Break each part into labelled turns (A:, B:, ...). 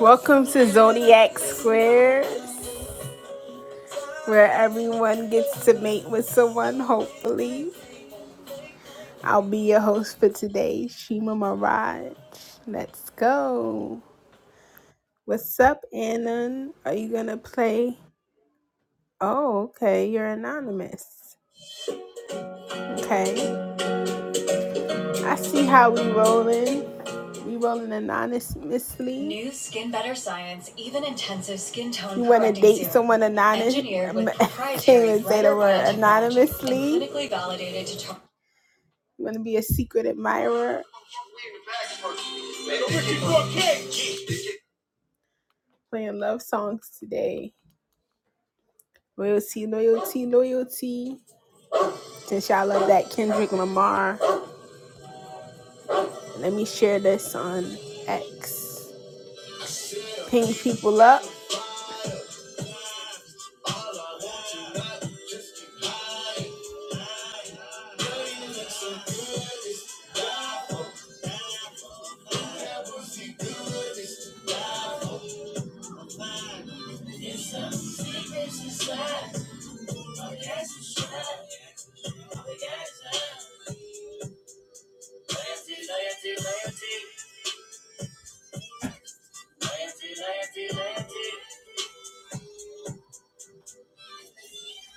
A: Welcome to Zodiac Squares, where everyone gets to mate with someone, hopefully. I'll be your host for today, Shima Mirage. Let's go. What's up, Anon? Are you gonna play? Oh, okay, you're anonymous. Okay, I see how we rolling. We rolling anonymously. New Skin Better Science Even Intensive Skin Tone You want to date someone anonymous? um, Can't even say the word anonymously. clinically validated to target. You want to be a secret admirer? Playing love songs today. Loyalty, loyalty, loyalty. Since y'all love that Kendrick Lamar, let me share this on X. Ping people up.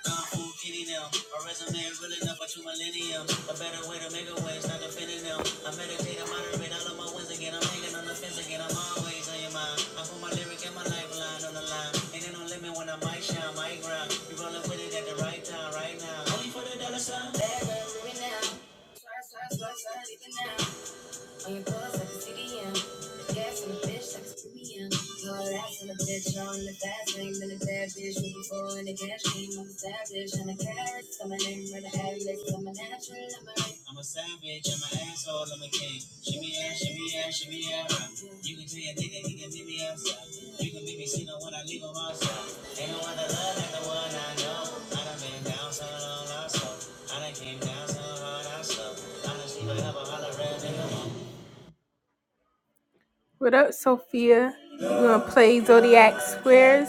A: Kung Fu Kitty now. A resume is real enough for two millennium. A better way to make a way, it's not defending them. I meditate, I moderate all of my wins again. I'm hanging on the fence again. I'm always on your mind. I put my lyric and my lifeline on the line. Ain't there no limit when I might shine, might grind. You rolling with it at the right time, right now. Only for the dollar sign. Better, living now. Try, try, try, try, living now. On your clothes like a CDM. Gas in a bitch like a premium. Hard ass in a bitch, all in the fast lane. Been a bad bitch, looking for in the cash game. I'm a savage, I'm a carrot. I'm a name with the hat list. I'm a natural, I'm a rape. I'm a savage, I'm an asshole, I'm a king. Shimmy ass, shimmy ass, shimmy ass. You can tell your nigga he can meet me outside. You can make me see no when I leave him outside. Ain't no other love like the one I know. I done been down so long, I so. I done came down so hard, I so. I done sleep, I have a holler, red nigga, what up, Sophia? You gonna play Zodiac Squares?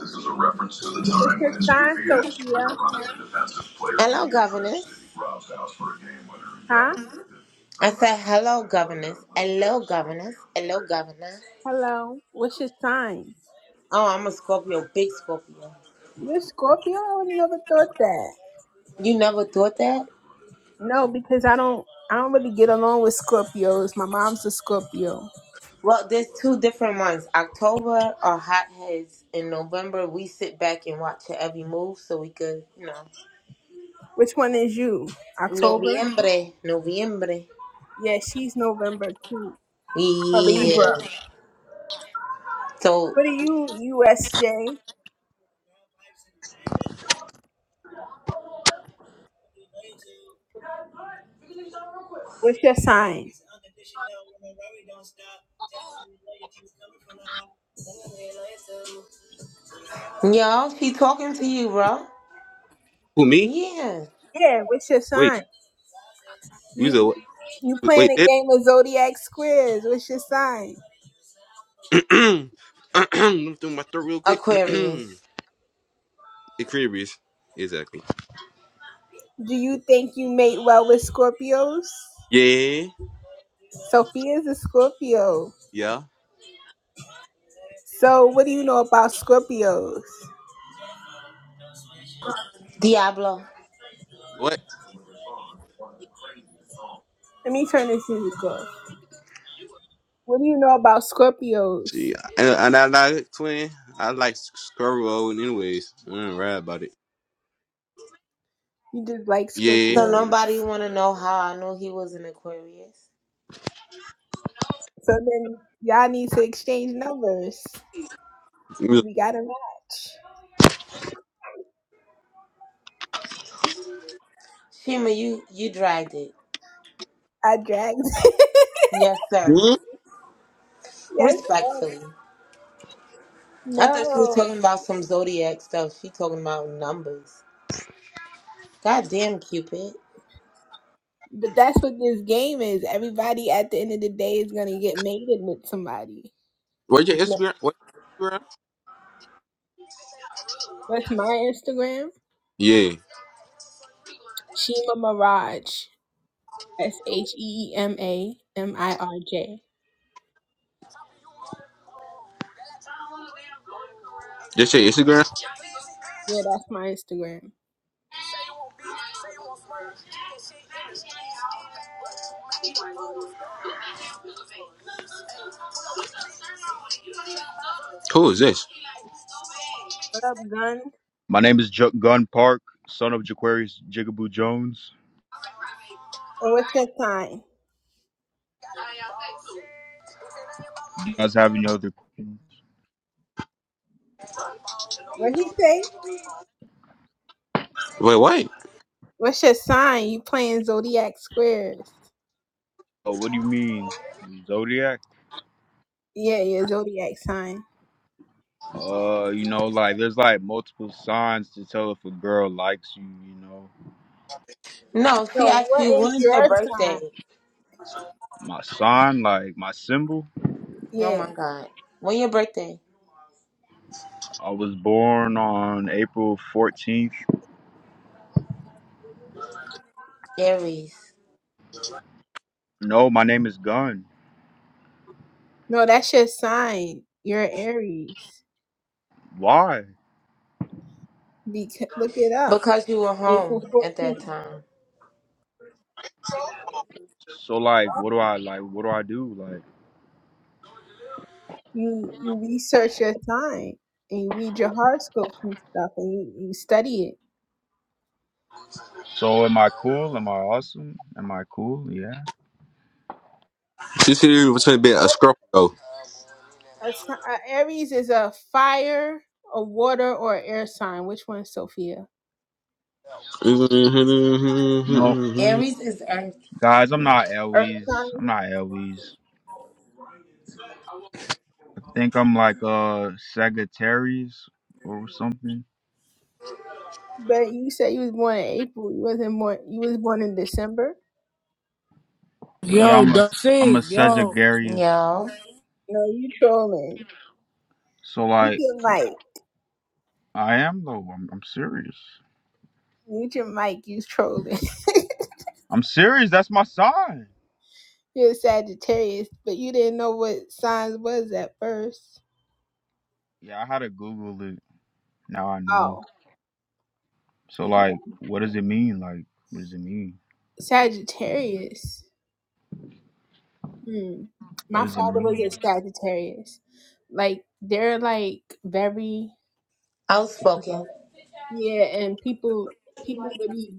B: This is a reference to the
A: What's
B: time
A: your
B: when his
A: sign,
B: goofy ass tried to
A: Sophia?
B: run as a defensive player. Hello, governess. Rob's house for a game winner and
A: Huh?
B: got- I said, hello, governess. Hello, governess. Hello, governor.
A: Hello. What's your sign?
B: Oh, I'm a Scorpio, big Scorpio.
A: You're Scorpio? I would never thought that.
B: You never thought that?
A: No, because I don't I don't really get along with Scorpios. My mom's a Scorpio.
B: Well, there's two different ones. October are hotheads. In November, we sit back and watch her every move so we could, you know.
A: Which one is you? October?
B: Noviembre. Noviembre.
A: Yeah, she's November too. A
B: Yeah.
A: Libra.
B: So,
A: What are you, USJ? What's your sign?
B: y'all, she talking to you, bro.
C: Who me?
B: Yeah.
A: Yeah, what's your
C: Wait,
A: sign?
C: you was
A: You
C: a
A: you playing
C: wait.
A: a
C: That
A: game of zodiac squares. What's your sign?
C: I'm through my throat real quick. the
B: Aquarius.
C: Caribbeans, exactly.
A: Do you think you mate well with Scorpios?
C: Yeah,
A: Sophia's a Scorpio.
C: yeah.
A: So what do you know about Scorpios?
B: Diablo.
C: What?
A: Let me turn this music off. What do you know about Scorpios?
C: See, and, and I like twin. I like Scarbo, and anyways, I don't ride about it.
A: You just like
C: Yeah.
B: So nobody
A: Scorpios.
B: wanna know how I knew he was an Aquarius.
A: So then y'all need to exchange numbers.
C: Hmm?
A: We got a match.
B: Shima, you you dragged it.
A: I dragged.
B: Yes, sir.
A: yes. yes.
B: Respectfully. I thought she was
A: No.
B: talking about some zodiac stuff. She talking about numbers. Goddamn, damn Cupid.
A: But that's what this game is. Everybody at the end of the day is gonna get mated with somebody.
C: What's your
B: No,
C: Instagram? What? Instagram?
A: That's my Instagram.
C: Yeah.
A: Shema Mirage. S H E E M A M I R J.
C: Just your Instagram.
A: Yeah, that's my Instagram.
C: Who is this?
A: What up, gun?
D: My name is J- Gun Park, son of Jaquarius Jigaboo Jones.
A: And what's your sign?
D: You guys have any other questions?
A: What he say?
C: Wait, what?
A: What's your sign? You playing zodiac squares?
D: Uh, what do you mean, zodiac?
A: Yeah, yeah, zodiac sign.
D: Uh, you know, like there's like multiple signs to tell if a girl likes you. You know,
B: No, she
A: So
B: asked
A: what
B: you
A: is
B: when is your
A: your sign?
B: birthday?
D: my sign, like my symbol.
B: Oh
A: Yeah.
B: my god. When your birthday?
D: I was born on April 14th.
B: Aries.
D: No, my name is Gun.
A: No, that's your sign. You're an Aries.
D: Why?
A: Because look it up.
B: Because you were
A: April
B: home at
A: 14th.
B: that time.
D: So like, what do I like? What do I do? Like,
A: You you research your sign and you read your horoscopes and stuff and you, you study it.
D: so am I cool? Am I awesome? Am I cool? Yeah.
C: She's here with something a
A: What
C: Scorpio.
A: a, si- a Aries is a fire, a water, or air sign. Which one, Sophia?
D: No,
B: Aries is Earth.
D: guys, I'm not
A: Earth
D: Elwes.
A: sign.
D: I'm not Elwes. think I'm like a Sagittarius or something.
A: But you said you was born in April. You wasn't born. You was born in December.
D: Yeah,
E: Yo,
D: I'm a
E: the
D: I'm a
E: thing, yo,
D: Sagittarius.
B: Yo.
A: No, you trolling.
D: So
A: Mute
D: like
A: your mic.
D: I am though. I'm I'm serious.
A: Mute your mic. You trolling.
D: I'm serious. That's my sign.
A: You're a Sagittarius, but you didn't know what signs was at first.
D: Yeah, I had to Google it. Now I know.
A: Oh,
D: So like,
A: okay.
D: what does it mean? Like, what does it mean?
A: Sagittarius. Hmm.
D: What
A: My
D: does it
A: father was
D: mean?
A: a Sagittarius. Like they're like very
B: Outspoken.
A: yeah, and people people really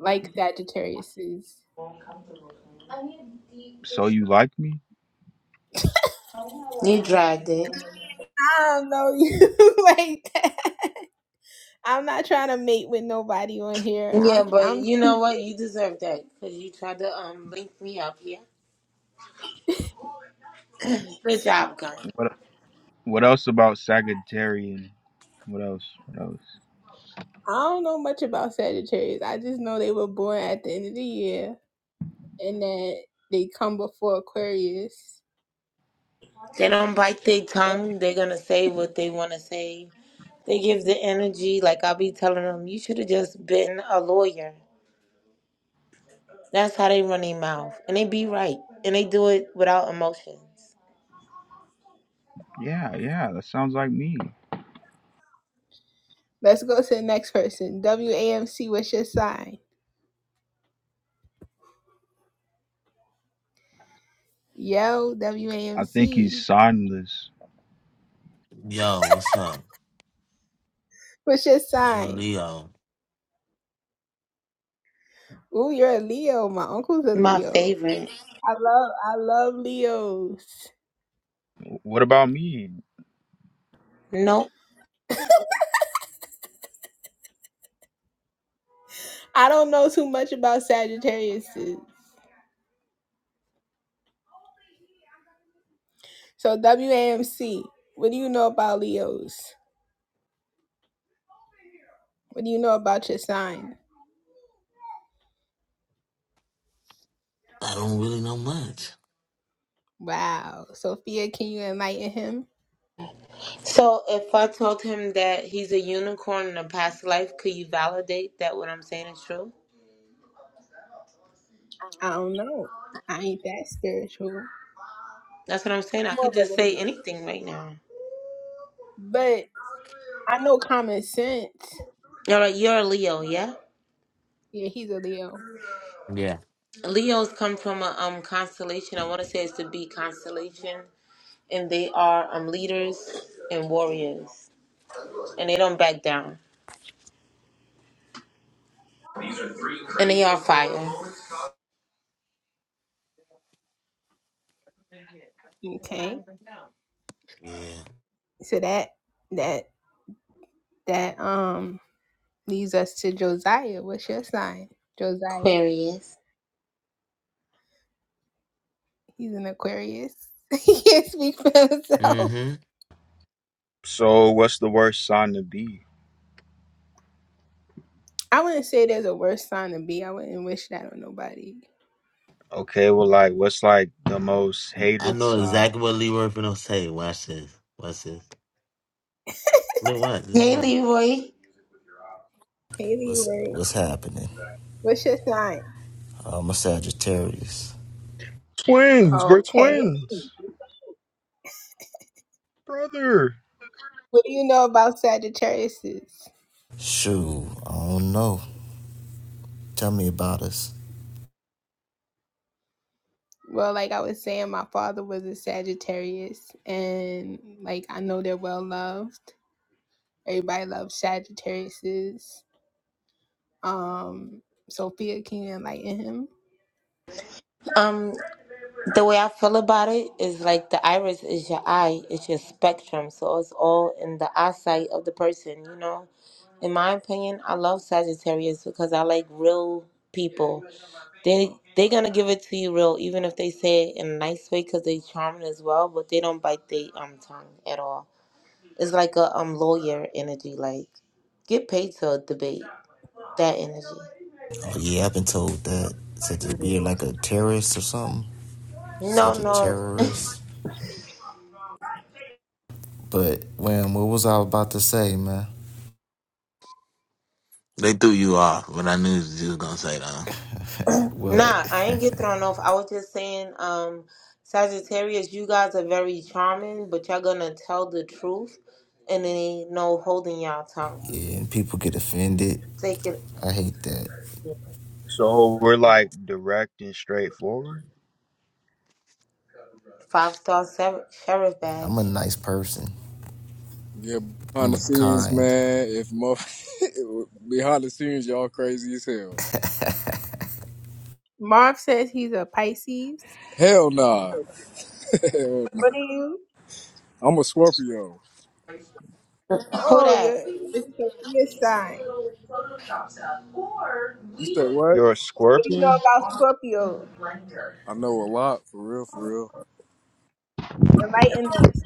A: like Sagittariuses.
D: So you like me?
B: You dragged it.
A: I don't know you like that. I'm not trying to mate with nobody on here.
B: Yeah,
A: I'm
B: but
A: I'm
B: you know what? You deserve that because you tried to um link me up here. Good job, gun.
D: What What else about Sagittarian? What else? What else?
A: I don't know much about Sagittarius. I just know they were born at the end of the year. and that they come before Aquarius.
B: They don't bite their tongue. They're gonna say what they want to say. They give the energy. Like I'll be telling them, you should have just been a lawyer. That's how they run their mouth, and they be right, and they do it without emotions.
D: Yeah, yeah. That sounds like me.
A: Let's go to the next person. WAMC, what's your sign? Yo,
D: I think he's
A: WAMC,
D: signless.
F: Yo, what's up?
A: what's your
F: I'm a
A: sign?
F: Leo.
A: Ooh, you're a Leo. My uncle's a
B: My
A: Leo.
B: favorite.
A: I love, I love Leos.
D: What about me?
B: Nope.
A: I don't know too much about Sagittarius. So WAMC, what do you know about Leos? What do you know about your sign?
F: I don't really know much.
A: Wow. Sophia, can you enlighten him?
B: So if I told him that he's a unicorn in a past life, could you validate that what I'm saying is true?
A: I don't know. I ain't that spiritual.
B: That's what I'm
A: I'm
B: saying. I
A: more
B: could
A: of a
B: just say
A: Leo.
B: anything right now.
A: But I know common sense.
B: All right, you're a Leo, yeah?
A: Yeah, he's a Leo.
F: Yeah.
B: Leos come from a um constellation. I want to say it's the B constellation, and they are um leaders and warriors, and they don't back down, and they are fire.
A: Okay.
F: Yeah.
A: So that that that um leads us to Josiah. What's your sign? Josiah.
B: Aquarius.
A: He's an Aquarius. he can't speak for himself.
F: Mm-hmm.
D: So what's the worst sign to be?
A: I wouldn't say there's a worse sign to be. I wouldn't wish that on nobody.
D: Okay, well like what's like the most
F: I
D: hated
F: know
D: sign?
F: exactly what Leroy finna say. Watch this. Watch this. Look what? This is
B: Hey,
F: what?
B: Leroy.
A: Haley,
G: What's
A: wait.
G: what's happening?
A: What's your sign?
G: I'm a Sagittarius.
D: Twins, we're
A: Okay.
D: twins. Brother.
A: What do you know about Sagittariuses?
G: Shoot, I don't know. Tell me about us.
A: Well, like I was saying, my father was a Sagittarius, and like I know they're well loved. Everybody loves Sagittariuses. Um, Sophia, can you enlighten him?
B: Um, The way I feel about it is like the iris is your eye, it's your spectrum. So it's all in the eyesight of the person, you know? In my opinion, I love Sagittarius because I like real people. They they gonna give it to you real, even if they say it in a nice way because they charming as well, but they don't bite their um tongue at all. It's like a um lawyer energy, like get paid to debate that energy.
G: Oh yeah, I've been told that said that we're like a terrorist or something.
B: No, no,
G: Sagittarius. But man, what was I about to say, man?
F: They threw you off, but I knew you was gonna say that.
G: what?
B: Nah, I ain't get thrown off. I was just saying, um, Sagittarius, you guys are very charming, but y'all gonna tell the truth and then ain't no holding y'all tongue.
G: yeah, and people get offended.
B: Take it.
G: I hate that.
D: So we're
B: Yeah.
D: like direct and straightforward.
B: Five star ser- sheriff
G: I'm a
B: badge.
G: nice person.
H: Yeah, behind
G: I'm
H: the
G: a
H: scenes,
G: kind.
H: man. If mo- behind the scenes, y'all crazy as hell.
A: Marv says he's a Pisces.
H: Hell nah. Hell nah.
A: What are you?
H: I'm a Scorpio.
B: Who
A: Oh, you're
B: that?
A: it's Sophia sign.
H: You said what?
D: You're a
A: What do you know
D: scorpion?
A: about Scorpio?
H: I know a lot, for real, for real.
A: Enlighten us.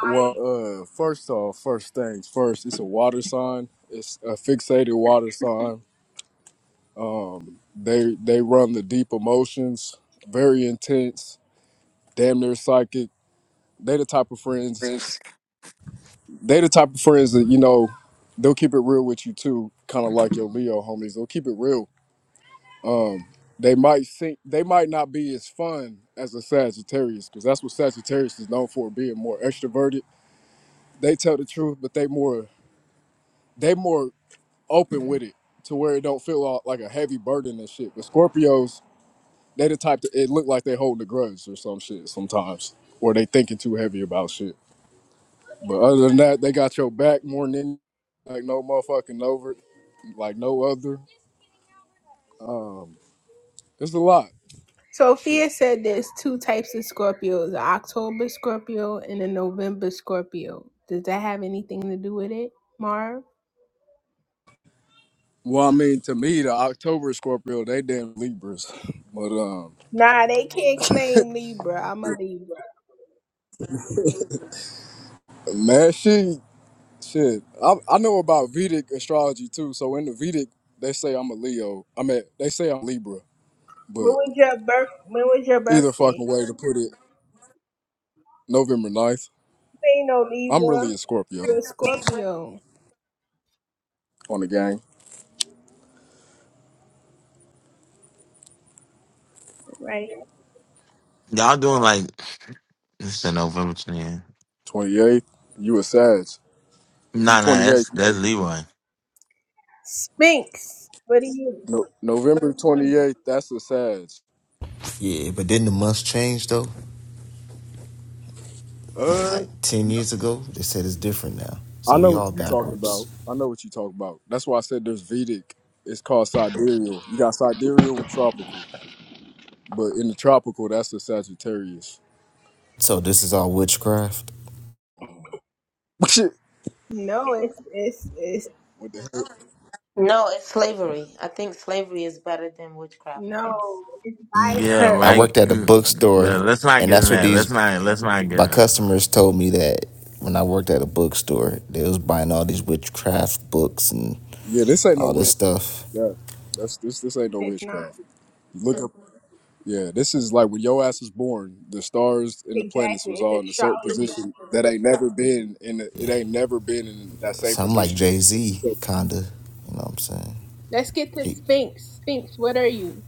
H: Well, uh, first off, first things first. It's a water sign. It's a fixated water sign. Um, they they run the deep emotions, very intense, damn near psychic. They the type of friends
F: Thanks.
H: they the type of friends that you know they'll keep it real with you too kind of like your leo homies they'll keep it real um they might think they might not be as fun as a sagittarius because that's what sagittarius is known for being more extroverted they tell the truth but they more they more open with it to where it don't feel all, like a heavy burden and shit but scorpios they the type that it look like they holding a grudge or some shit sometimes or they thinking too heavy about shit but other than that they got your back more than any- like no motherfucking over like no other. Um, it's a lot. Shit.
A: Sophia said there's two types of Scorpios: an October Scorpio and a November Scorpio. Does that have anything to do with it, Marv?
H: Well, I mean, to me, the October Scorpio, they damn Libras. But um,
A: Nah, they can't claim Libra. I'm a Libra.
H: man, she shit. I, I know about Vedic astrology too. So in the Vedic, they say I'm a Leo. I mean, they say I'm Libra.
A: When
H: But
A: was your birth? When was your
H: either
A: birthday?
H: fucking way to put it, November ninth,
A: ain't no
H: I'm really
A: Libra.
H: a Scorpio
A: You're a Scorpio,
H: on the gang.
A: right?
F: Y'all doing like this in November 20th.
H: 28th, you a Sag. If you
F: Nah, nah,
H: 28th,
F: that's
H: you
F: that's
H: a-
F: Leroy.
A: Sphinx. What are you?
H: no, November 28th, that's a Sag.
G: Yeah, but then the months changed though. Like
H: Uh,
G: ten years ago, they said it's different now.
H: I
G: So
H: know
G: we all
H: what you talking
G: backwards.
H: about. I know what you talk about. That's why I said there's Vedic. It's called sidereal. You got sidereal and tropical. But in the tropical, that's the Sagittarius.
G: So this is all witchcraft.
H: Shit.
A: No, it's it's it's
H: What the hell?
B: No, it's slavery. I think slavery is better than witchcraft, I
A: no.
B: guess.
A: It's by
F: Yeah,
A: her.
G: I
F: right.
G: worked at a
F: Mm, Yeah,
G: bookstore,
F: let's not
G: and
F: get in
G: that's what
F: that.
G: these
F: Let's not let's not get in
G: my
F: that. Man.
G: customers told me that when I worked at a bookstore, they was buying all these witchcraft books and
H: Yeah, this ain't no
G: all this
H: witchcraft.
G: stuff.
H: Yeah. That's this this ain't no
A: It's not
H: witchcraft. Look up Yeah, this is like when your ass was born, the stars and the planets
A: exactly.
H: was all
A: It's
H: in a certain
A: astrology.
H: position that ain't never been in the, it ain't never been in that same
G: So I'm like
H: position.
G: Jay Z,
H: So
G: kinda. You know what I'm saying?
A: Let's get to
G: He,
A: Sphinx. Sphinx, what are you?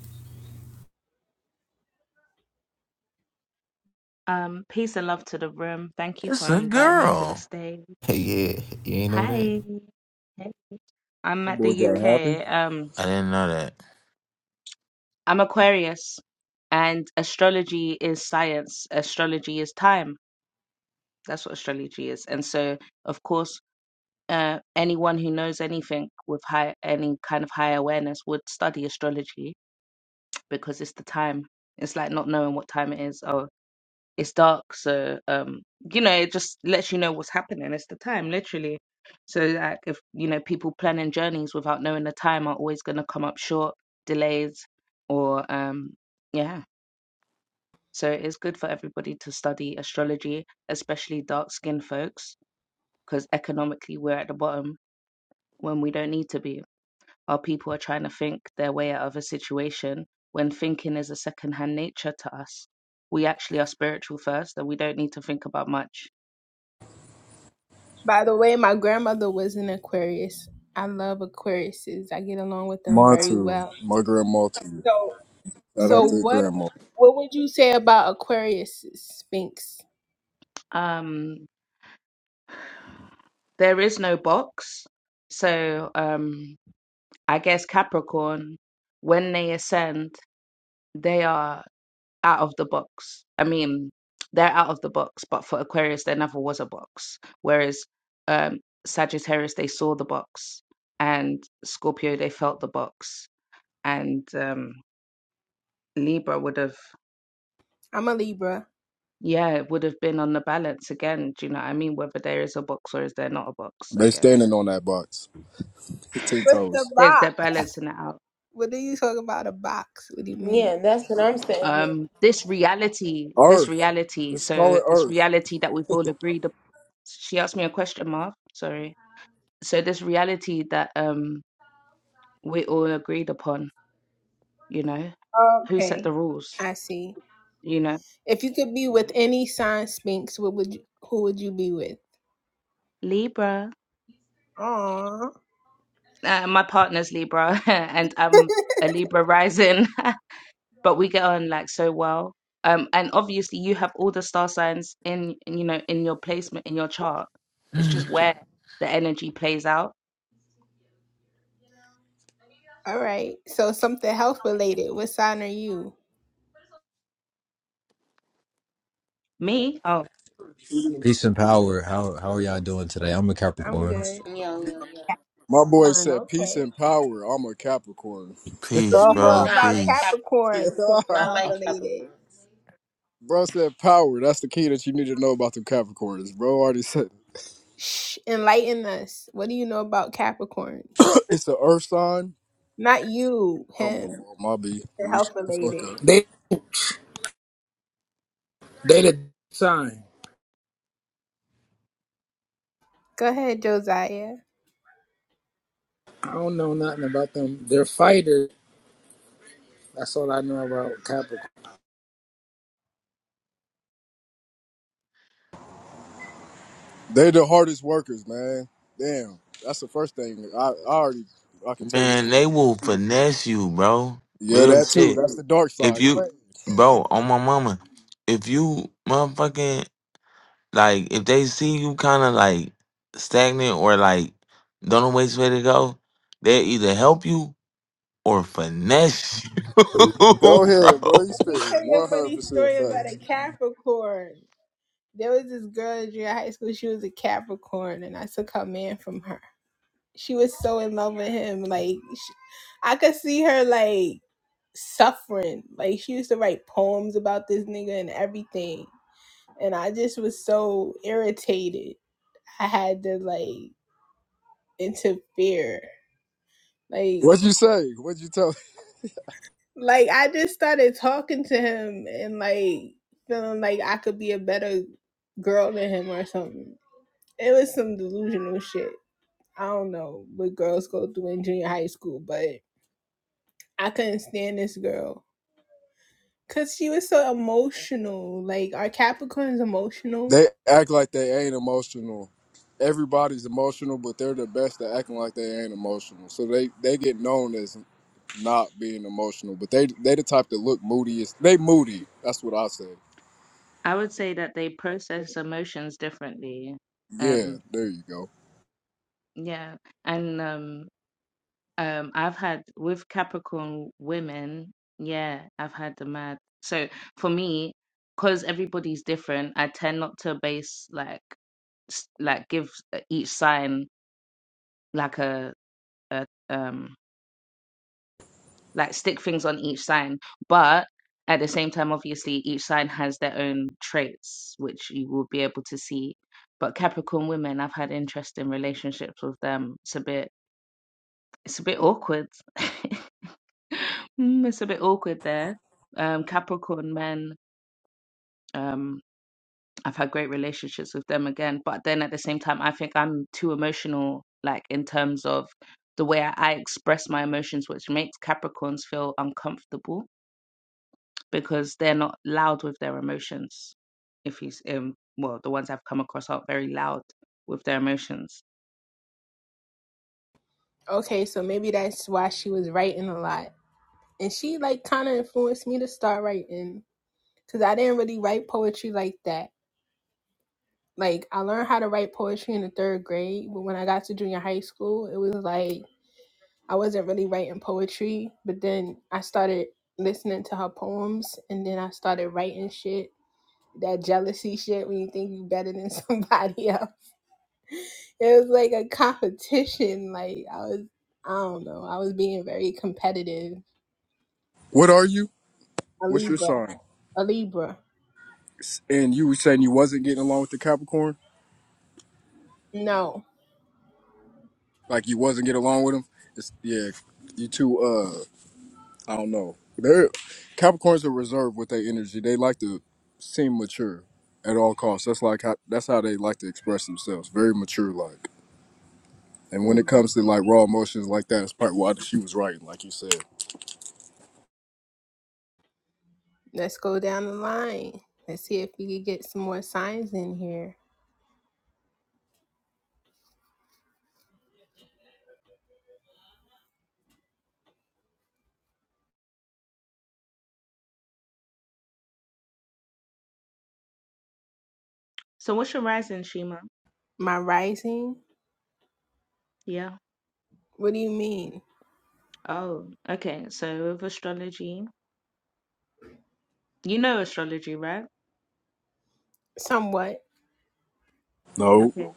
I: Um, peace and love to the room. Thank you
F: It's
I: for
F: a
I: inviting me to the
F: girl.
I: stage.
G: yeah, you ain't know that.
I: Hi. Hey. I'm
H: that
I: at the
H: boy got happy.
I: UK. Um,
F: I didn't know that.
I: I'm Aquarius, and astrology is science. Astrology is time. That's what astrology is. And so, of course, uh, anyone who knows anything with high, any kind of high awareness would study astrology because it's the time. It's like not knowing what time it is. Oh, it's dark so um you know it just lets you know what's happening it's the time literally so like if you know people planning journeys without knowing the time are always going to come up short delays or um yeah so it's good for everybody to study astrology especially dark skinned folks because economically we're at the bottom when we don't need to be our people are trying to think their way out of a situation when thinking is a second hand nature to us we actually are spiritual first and we don't need to think about much
A: By the way, my grandmother was an Aquarius. I love Aquariuses. I get along with them very
H: Montu,
A: well.
H: my grandma to you.
A: So,
H: Shout
A: so
H: out to your
A: what
H: grandma.
A: what would you say about Aquariuses, Sphinx?
I: Um, there is no box. So um, I guess Capricorn, when they ascend, they are out of the box. I mean, they're out of the box, but for Aquarius, there never was a box. Whereas um, Sagittarius, they saw the box, and Scorpio, they felt the box, and um, Libra would have.
A: I'm a Libra.
I: Yeah, it would have been on the balance again. Do you know what I mean? Whether there is a box or is there not a box, I
H: They
I: guess.
H: standing on that box. Ten
A: What's the
H: toes.
I: There's they're
A: box?
I: balancing it out.
A: What do you talk about a box? What do you mean?
B: Yeah, that's what I'm saying.
I: um this reality this
H: Earth.
I: reality
H: Just call
I: so
H: it
I: this
H: Earth.
I: reality that we've all agreed up- she asked me a question mark sorry so this reality that um we all agreed upon you know who set
A: Okay.
I: the rules
A: I see.
I: you know
A: If you could be
I: yeah
A: with any sign Sphinx, what would you, who would you be with?
I: libra
A: Aw.
I: uh, my partner's libra and i'm a libra rising but we get on like so well um and obviously you have all the star signs in you know in your placement in your chart it's just where the energy plays out
A: All right. So something health related. What sign are you?
I: me. oh,
J: Peace and power. How how are y'all doing today? I'm a
A: I'm
J: Capricorn.
A: good.
B: Yo, yo, yo.
H: My boy
A: Capricorn.
H: said, peace
A: Okay.
H: and power. I'm a Capricorn.
A: What do
F: Peace,
A: you know
H: bro
F: bro.
B: Nah, I
A: about
B: like
F: Peace.
A: Capricorn?
B: Capricorns.
A: Something
B: I
A: health
B: like
A: related.
B: Capricorns.
H: said power. That's the key that you need to know about the Capricorns. Bro already said
A: Shh. Enlighten us. What do you know about Capricorns?
H: it. it's the Earth sign.
A: Not you.
H: Oh, my
A: Him.
H: fault. My B. Let me shut
A: Health
H: the fuck
A: related.
H: up.
E: they they the sign.
A: Go ahead, Josiah.
E: I don't know nothing about them. They're fighters. That's all I know about Capricorn.
H: They the hardest workers, man. Damn. That's the first thing. I, I already, I can tell you.
F: Man, they will finesse you, bro.
H: Yeah,
F: Real
H: that too.
F: shit.
H: That's the dark
F: If
H: side. Go
F: you,
H: ahead,
F: bro, on my mama, if you motherfucking, like, if they see you kind of like stagnant or like don't know which way to go, they either help you or finesse you,
H: bro.
F: bro.
H: You
A: Let me
H: spitting
A: tell you a funny
H: 100%
A: story about
H: facts.
A: a Capricorn. There was this girl in junior high school. She was a Capricorn, and I took her man from her. She was so in love with him. Like, sh I could see her like suffering. Like, she used to write poems about this nigga and everything. And I just was so irritated. I had to like interfere. Like,
H: What'd you say? What'd you tell?
A: like I just started talking to him and like feeling like I could be a better girl than him or something. It was some delusional shit. I don't know what girls go through in junior high school, but I couldn't stand this girl because she was so emotional. Like, are Capricorns emotional?
H: They act like they ain't emotional. Everybody's emotional, but they're the best at acting like they ain't emotional. So they they get known as not being emotional, but they they the type that look moodiest. They moody. That's what I say.
I: I would say that they process emotions differently.
H: Yeah,
I: Um,
H: there you go.
I: yeah, and um, um, I've had with Capricorn women, yeah, I've had the mad. So for me, because everybody's different, I tend not to base like s- like give uh, each sign like a, a um like stick things on each sign. But at the same time, obviously, each sign has their own traits, which you will be able to see. But Capricorn women, I've had interesting relationships with them. It's a bit, it's a bit awkward. Mm, it's a bit awkward there. Um, Capricorn men, um, I've had great relationships with them again. But then at the same time, I think I'm too emotional, like in terms of the way I, I express my emotions, which makes Capricorns feel uncomfortable because they're not loud with their emotions. If he's um well, the ones I've come across aren't very loud with their emotions.
A: Okay, so maybe that's why she was writing a lot. And she, like, kind of influenced me to start writing because I didn't really write poetry like that like I learned how to write poetry in the third grade, but when I got to junior high school, it was like I wasn't really writing poetry, but then I started listening to her poems and then I started writing shit. That jealousy shit when you think you are better than somebody else. It was like a competition. Like I was I don't know. I was being very competitive.
H: What are you?
A: A
H: What's your
A: Libra.
H: sign?
A: A Libra.
H: S- And you were saying you wasn't getting along with the Capricorn,
A: No.
H: like you wasn't getting along with him. It's, yeah, you two. I don't know. They're Capricorns are reserved with their energy. They like to seem mature at all costs. That's like how that's how they like to express themselves. Very mature like. And
A: Hmm.
H: when it comes to like raw emotions like that, it's probably why she was writing, like you said.
A: Let's go down the line. Let's see if we could get some more signs in here.
I: So what's your rising, Shima?
A: My rising?
I: Yeah.
A: What do you mean?
I: Oh, okay. So with astrology, you know astrology, right?
A: Somewhat.
H: No.
I: Okay.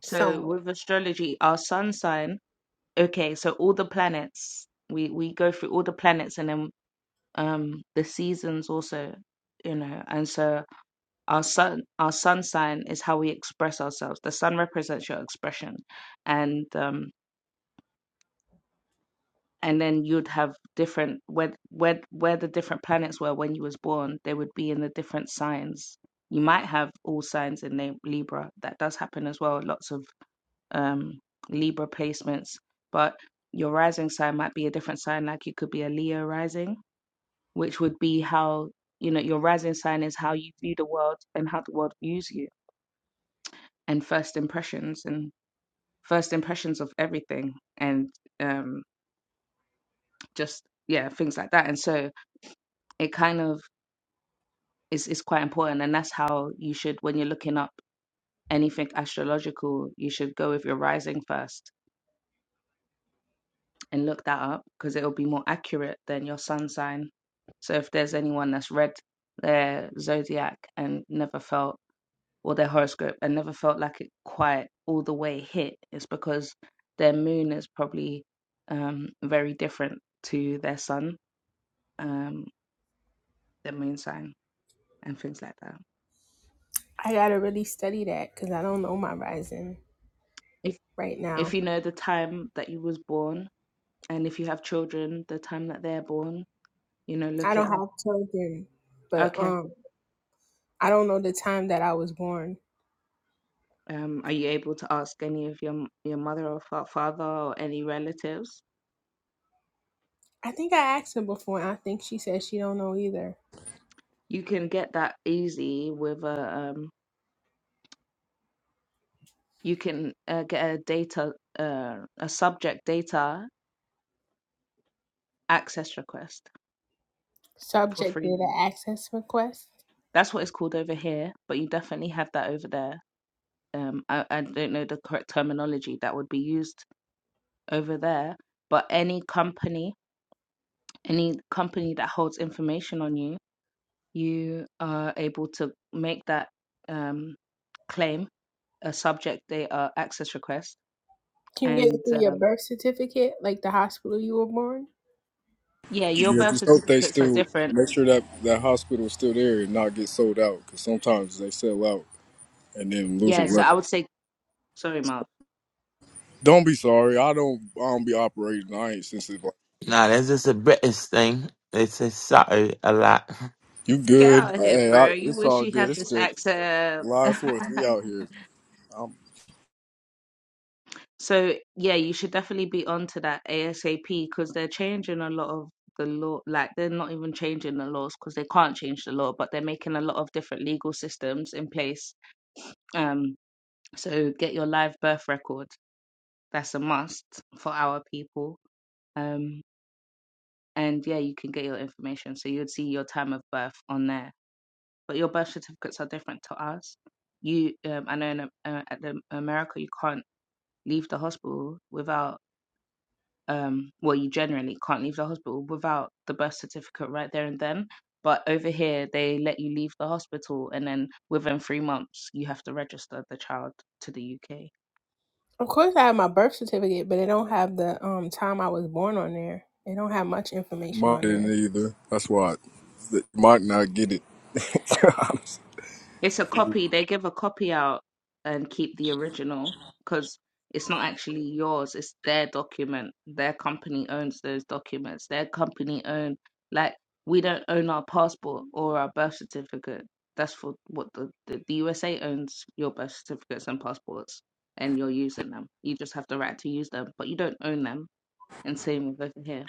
I: So
A: Somewhat.
I: with astrology, our sun sign. Okay, so all the planets. We we go through all the planets and then um the seasons also, you know. And so Our sun, our sun sign is how we express ourselves. The sun represents your expression, and um, and then you'd have different where where where the different planets were when you was born. They would be in the different signs. You might have all signs in Lib- Libra. That does happen as well. Lots of um, Libra placements, but your rising sign might be a different sign. Like you could be a Leo rising, which would be how you know your rising sign is how you view the world and how the world views you and first impressions and first impressions of everything and um, just yeah things like that and so it kind of is is quite important and that's how you should when you're looking up anything astrological you should go with your rising first and look that up because it'll be more accurate than your sun sign so if there's anyone that's read their zodiac and never felt or their horoscope and never felt like it quite all the way hit it's because their moon is probably um, very different to their sun um, their moon sign and things like that.
A: I gotta really study that because I don't know my rising
I: If
A: right now.
I: if you know the time that you was born, and if you have children, the time that they're born, you know,
A: I
I: look it
A: don't
I: up.
A: have children, but
I: Okay.
A: um, I don't know the time that I was born.
I: Um, are you able to ask any of your m- your mother or fa- father or any relatives?
A: I think I asked her before, and I think she said she don't know either.
I: You can get that easy with a um, you can uh, get a data uh, a subject data access request for
A: Subject
I: free
A: data
I: now.
A: access request.
I: That's what it's called over here, but you definitely have that over there um I, I don't know the correct terminology that would be used over there, but any company, any company that holds information on you, you are able to make that um claim a subject they uh, access request
A: Can you get it
I: and
A: through your
I: um
A: birth certificate, like the hospital you were born?
I: yeah, your
H: Yeah,
I: birth
H: just hope they
I: certificates are
H: still
I: different.
H: make sure that that hospital is still there and not get sold out. Because sometimes they sell out and then lose your
I: Yeah, so I
H: record.
I: would say sorry, Mark.
H: Don't be sorry. I don't. I don't be operating. I ain't sensitive.
F: Nah, that's just a British thing. They say sorry a lot.
H: You
I: Get
H: good?
I: out of here,
H: Hey, I,
I: bro. You
H: it's
I: wish
H: all
I: you
H: good.
I: had
H: It's
I: this
H: just
I: accent.
H: live fourth. We out here.
I: So yeah, you should definitely be onto that ASAP because they're changing a lot of the law. Like they're not even changing the laws because they can't change the law, but they're making a lot of different legal systems in place. Um, so get your live birth record. That's a must for our people. Um, and yeah, you can get your information. So you'd see your time of birth on there, but your birth certificates are different to us. You, um, I know in uh, at the America you can't leave the hospital without um well you generally can't leave the hospital without the birth certificate right there and then but over here they let you leave the hospital and then within three months you have to register the child to the uk
A: Of course, I have my birth certificate, but they don't have the um time I was born on there. They don't have much information
H: Mark
A: on
H: didn't
A: there.
H: either. That's why I, Mark not get it.
I: It's a copy. They give a copy out and keep the original because it's not actually yours. It's their document. Their company owns those documents. Their company own like we don't own our passport or our birth certificate. That's for what the, the, the USA owns your birth certificates and passports and you're using them. You just have the right to use them, but you don't own them. And same with over here.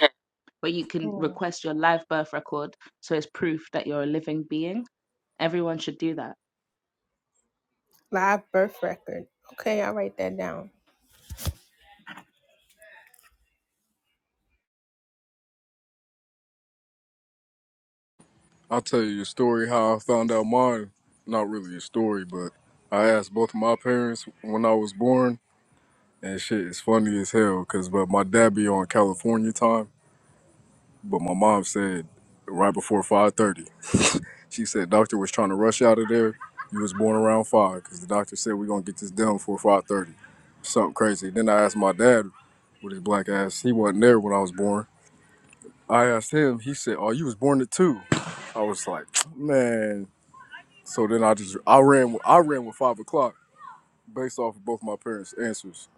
I: But you can request your live birth record so it's proof that you're a living being. Everyone should do that
A: Live birth record. Okay, I'll write that down.
H: I'll tell you a story how I found out mine. Not really a story, but I asked both of my parents when I was born, and shit is funny as hell. Cause but my dad be on California time, but my mom said right before five thirty. She said doctor was trying to rush out of there. You was born around five, cause the doctor said we're gonna get this done before five thirty. Something crazy. Then I asked my dad with his black ass. He wasn't there when I was born. I asked him, he said, Oh, you was born at two." I was like, man. So then I just I ran with I ran with five o'clock based off of both my parents' answers.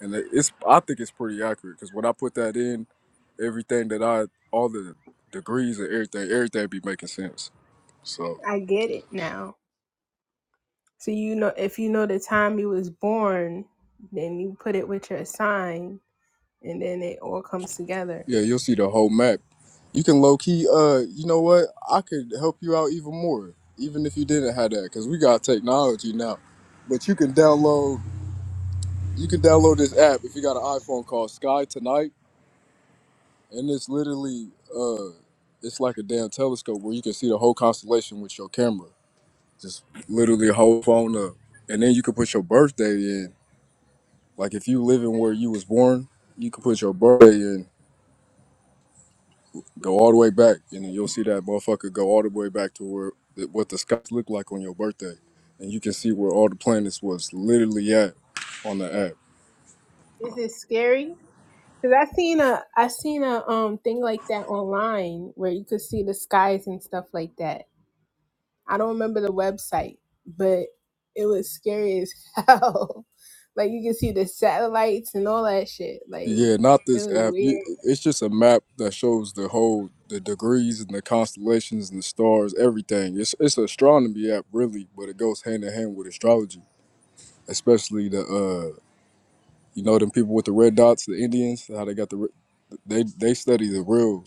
H: And it- it's I think it's pretty accurate because when I put that in, everything that I all the degrees and everything, everything be making sense. So
A: I get it now. So you know if you know the time you was born, then you put it with your sign and then it all comes together.
H: yeah, you'll see the whole map. You can low key, uh, you know what? I could help you out even more, even if you didn't have that, because we got technology now. But you can download You can download this app if you got an iPhone called Sky Tonight, and it's literally uh, it's like a damn telescope where you can see the whole constellation with your camera, just literally whole phone up, and then you can put your birthday in. Like if you live in where you was born, you can put your birthday in, go all the way back, and then you'll see that motherfucker go all the way back to where what the skies look like on your birthday, and you can see where all the planets was literally at on the app.
A: Is it scary? Cause I seen a I seen a um thing like that online where you could see the skies and stuff like that. I don't remember the website, but it was scary as hell. like you could see the satellites and all that shit. Like
H: Yeah, not
A: it
H: this
A: was
H: app. You,
A: weird.
H: it's just a map that shows the whole the degrees and the constellations and the stars, everything. It's it's an astronomy app really, but it goes hand in hand with astrology, especially the uh you know them people with the red dots, the Indians, how they got the re- they they study the real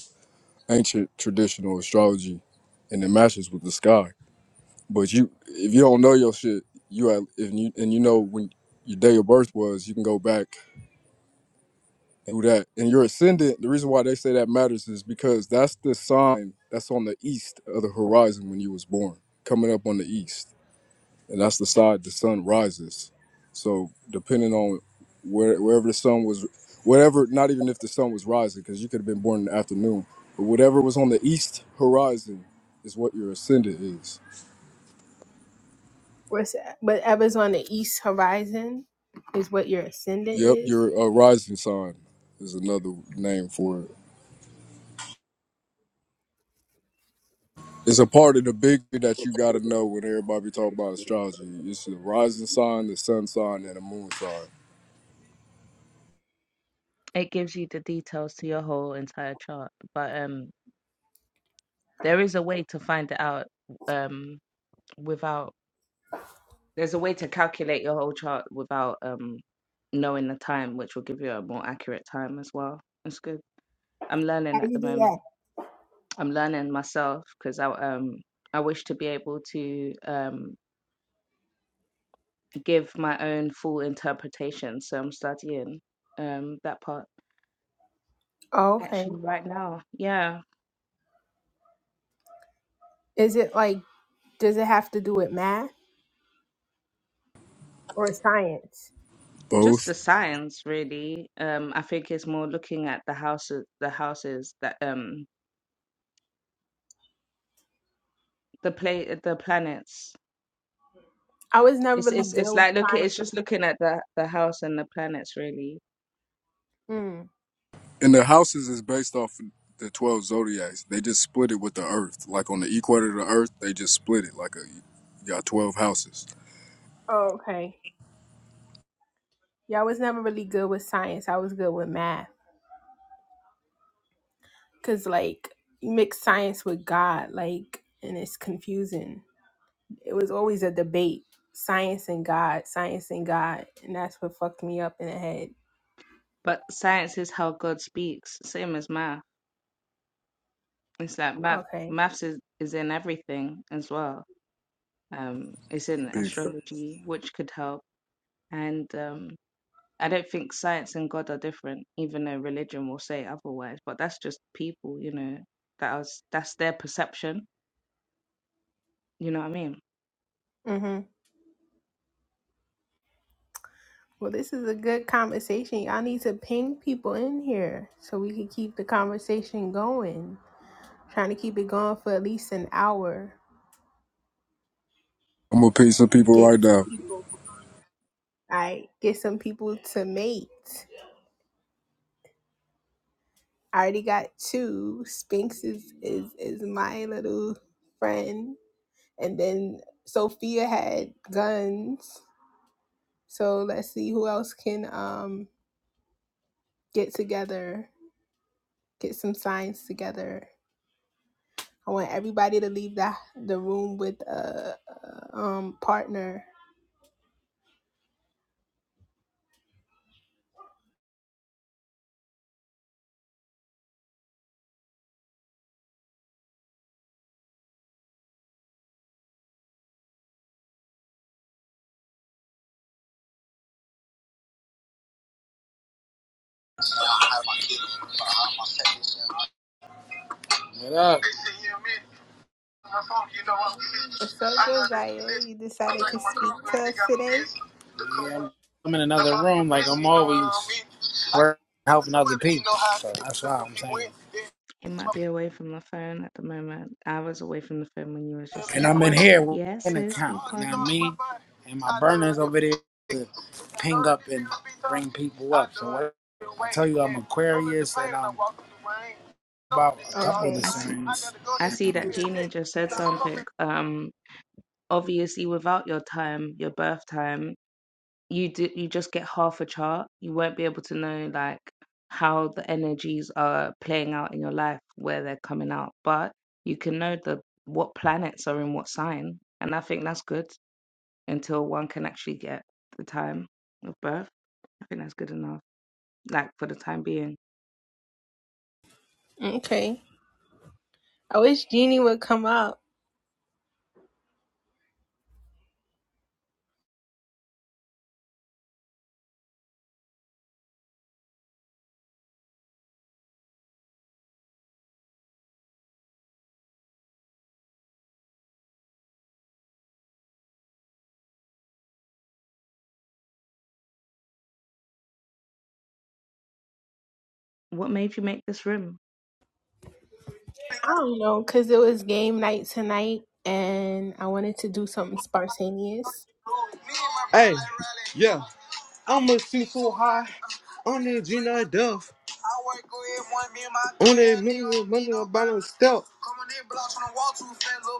H: ancient traditional astrology and it matches with the sky. But you if you don't know your shit, you at, if you and you know when your day of birth was, you can go back Who that? And your ascendant, the reason why they say that matters is because that's the sign that's on the east of the horizon when you was born, coming up on the east. And that's the side the sun rises. So depending on where wherever the sun was whatever, not even if the sun was rising, because you could have been born in the afternoon, but whatever was on the east horizon is what your ascendant is.
A: What's that? Whatever's on the east horizon is what your ascendant
H: Yep,
A: is.
H: your uh, rising sign is another name for it. It's a part of the big thing that you gotta know when everybody talk about astrology. It's the rising sign, the sun sign, and the moon sign.
I: It gives you the details to your whole entire chart, but um, there is a way to find it out um without. There's a way to calculate your whole chart without um knowing the time, which will give you a more accurate time as well. That's good. I'm
A: How
I: learning
A: do
I: at
A: you
I: the
A: do
I: moment.
A: that?
I: I'm learning myself because I um I wish to be able to um give my own full interpretation. So I'm studying um that part
A: Oh, okay.
I: actually right now. Yeah.
A: Is it like does it have to do with math or science?
I: Just
H: Both.
I: the signs, really. Um, I think it's more looking at the houses, the houses that um, the play, the planets.
A: I was never
I: It's
A: really
I: it's
A: good
I: it's
A: with
I: like look,
A: science.
I: it's just looking at the the house and the planets, really.
A: Mm.
H: And the houses is based off the twelve zodiacs. They just split it with the earth. Like on the equator of the earth, they just split it like a you got twelve houses.
A: Oh, okay. Yeah, I was never really good with science. I was good with math because, like, you mix science with God, like, and it's confusing. It was always a debate science and God, science and God. And that's what fucked me up in the head.
I: But science is how God speaks, same as math. It's like math,
A: Okay.
I: maths is is in everything as well. Um, it's in
H: Big thing.
I: astrology, which could help. And um, I don't think science and God are different, even though religion will say otherwise. But that's just people, you know, that was, that's their perception. You know what I mean?
A: hmm Well, this is a good conversation. Y'all need to ping people in here so we can keep the conversation going. trying to keep it going for at least an hour.
H: I'm gonna pay some people right
A: Get some
H: now.
A: people, I get some people to mate. I already got two. Sphinx is is, is my little friend, and then Sophia had guns. So let's see who else can um get together, get some signs together. I want everybody to leave the the room with a, a um partner.
E: What up?
A: What's up, Josiah? You decided to speak to us today?
E: Yeah, I'm in another room, like I'm always working, helping other people. So that's why I'm saying.
I: He might be away from the phone at the moment. I was away from the phone when you was just
E: And
I: saying
E: I'm
I: all
E: in
I: of
E: here
I: that.
E: with
I: Yes,
E: an
I: sis, we
E: account. You know
I: partnered
E: what I
I: up.
E: mean? And my burners over there to ping up and bring people up. So what? I tell you, I'm Aquarius, and I'm about a couple of the
A: Okay.
I: I see.
E: signs.
I: I see
E: And,
I: that
E: um,
I: Jeannie just said something. Um, obviously, without your time, your birth time. you do, you just get half a chart. You won't be able to know like how the energies are playing out in your life, where they're coming out, but you can know the what planets are in what sign, and I think that's good until one can actually get the time of birth. I think that's good enough, like for the time being.
A: Okay. I wish Jeannie would come up.
I: What made you make this room?
A: I don't know, cause it was game night tonight, and I wanted to do something spontaneous.
C: Hey, yeah. I'ma shoot so high on the Gina Duff. I work good, one me and my On that mother, mother, bottom step.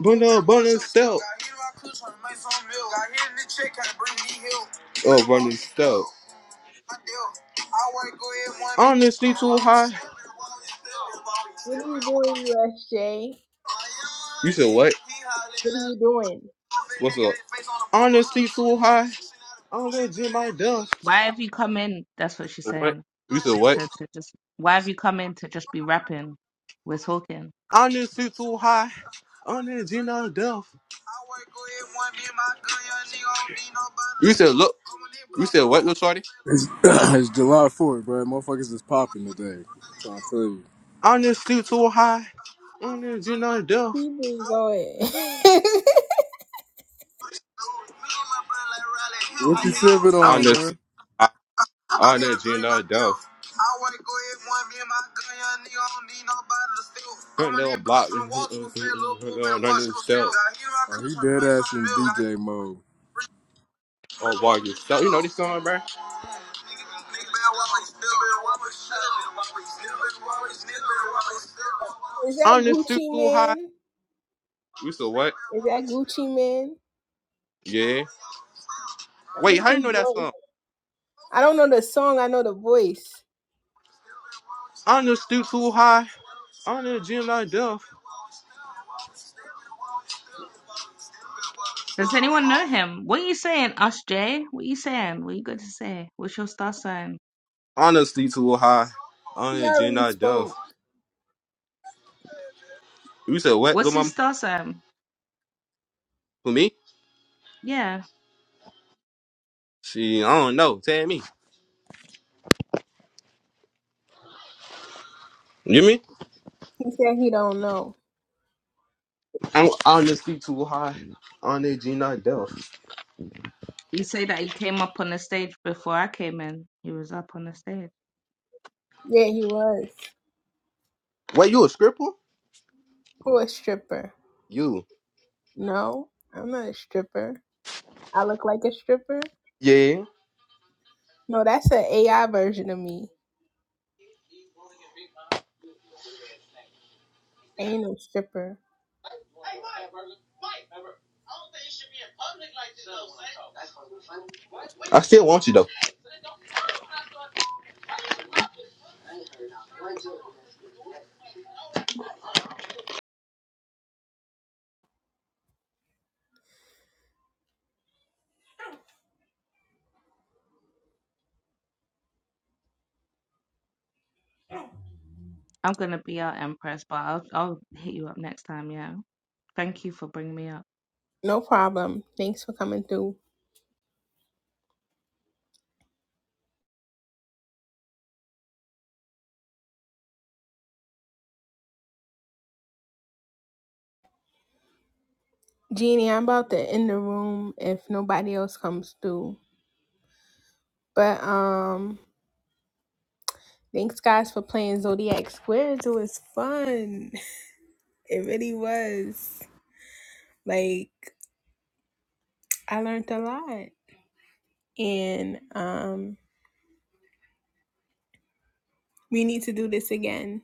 C: Bundle, bundle, of bottom step. Got hit in my clutch trying to make some milk. Got hit in the check, had to bring me help. Oh, running step. On the street too high.
A: What are you doing, USJ?
C: You said what?
A: What are you doing?
C: What's up? On the street too high. On that the Gina Duff.
I: Why have you come in? That's what she's
C: What?
I: saying.
C: You said what?
I: To to just why have you come in to just be rapping? We're talking.
C: Honestly, too high. Honestly, not enough. You said, look. You said, what, little shorty?
H: It's, it's July fourth, bro. Motherfuckers is popping today. I'm trying to tell you.
C: Honestly, too high. Honestly, not enough.
A: Keep it going.
H: What you sipping on, bro?
C: Honestly, I- honestly, not enough. I wanna go hit one, me and my gun, young nigga, I don't need nobody to steal. Put little block, mm, mm, mm, mm, mm, mm, don't need steal.
H: Oh, he dead ass in DJ mode.
C: Oh, boy, you steal? you know this song, bro?
A: Is that
C: Honestly,
A: Gucci
C: too high.
A: Man?
C: You said what?
A: Is that Gucci Man?
C: Yeah.
A: I
C: Wait,
A: don't
C: how you
A: know
C: know
A: his
C: that
A: voice.
C: song?
A: I don't know the song. I know the voice.
C: Honesty too high. Honor Jim not deaf.
I: Does anyone know him? What are you saying, Us Jay? What are you saying? What you got to say? What's your star sign?
C: Honesty too high.
A: He
C: Honor Jim
A: already
C: not deaf.
A: spoke.
C: You said what, little
I: What's his
C: mama?
I: star sign?
C: For me?
I: Yeah.
C: She, I don't know. Tell me. You me?
A: He said he don't know.
C: I'm honesty too high. Honor Jim not deaf.
I: You say that he came up on the stage before I came in. He was up on the stage.
A: Yeah, he was.
C: Wait, you a scripper?
A: Who a stripper?
C: You?
A: No, I'm not a stripper. I look like a stripper?
C: Yeah.
A: No, that's an AI version of me. Ain't no stripper.
C: I still want you though.
I: I'm gonna be out, Empress, but I'll I'll hit you up next time. Yeah. Thank you for bringing me up.
A: No problem. Thanks for coming through. Jeannie, I'm about to end the room if nobody else comes through. But um thanks guys for playing Zodiac Squares. It was fun. It really was. Like I learned a lot. And um we need to do this again.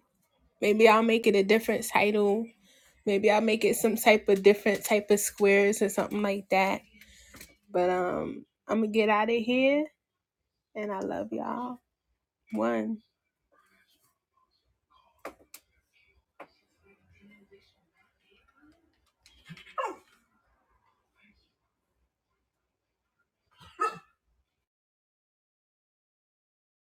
A: Maybe I'll make it a different title. Maybe I'll make it some type of different type of squares or something like that. But um I'm gonna get out of here and I love y'all. One.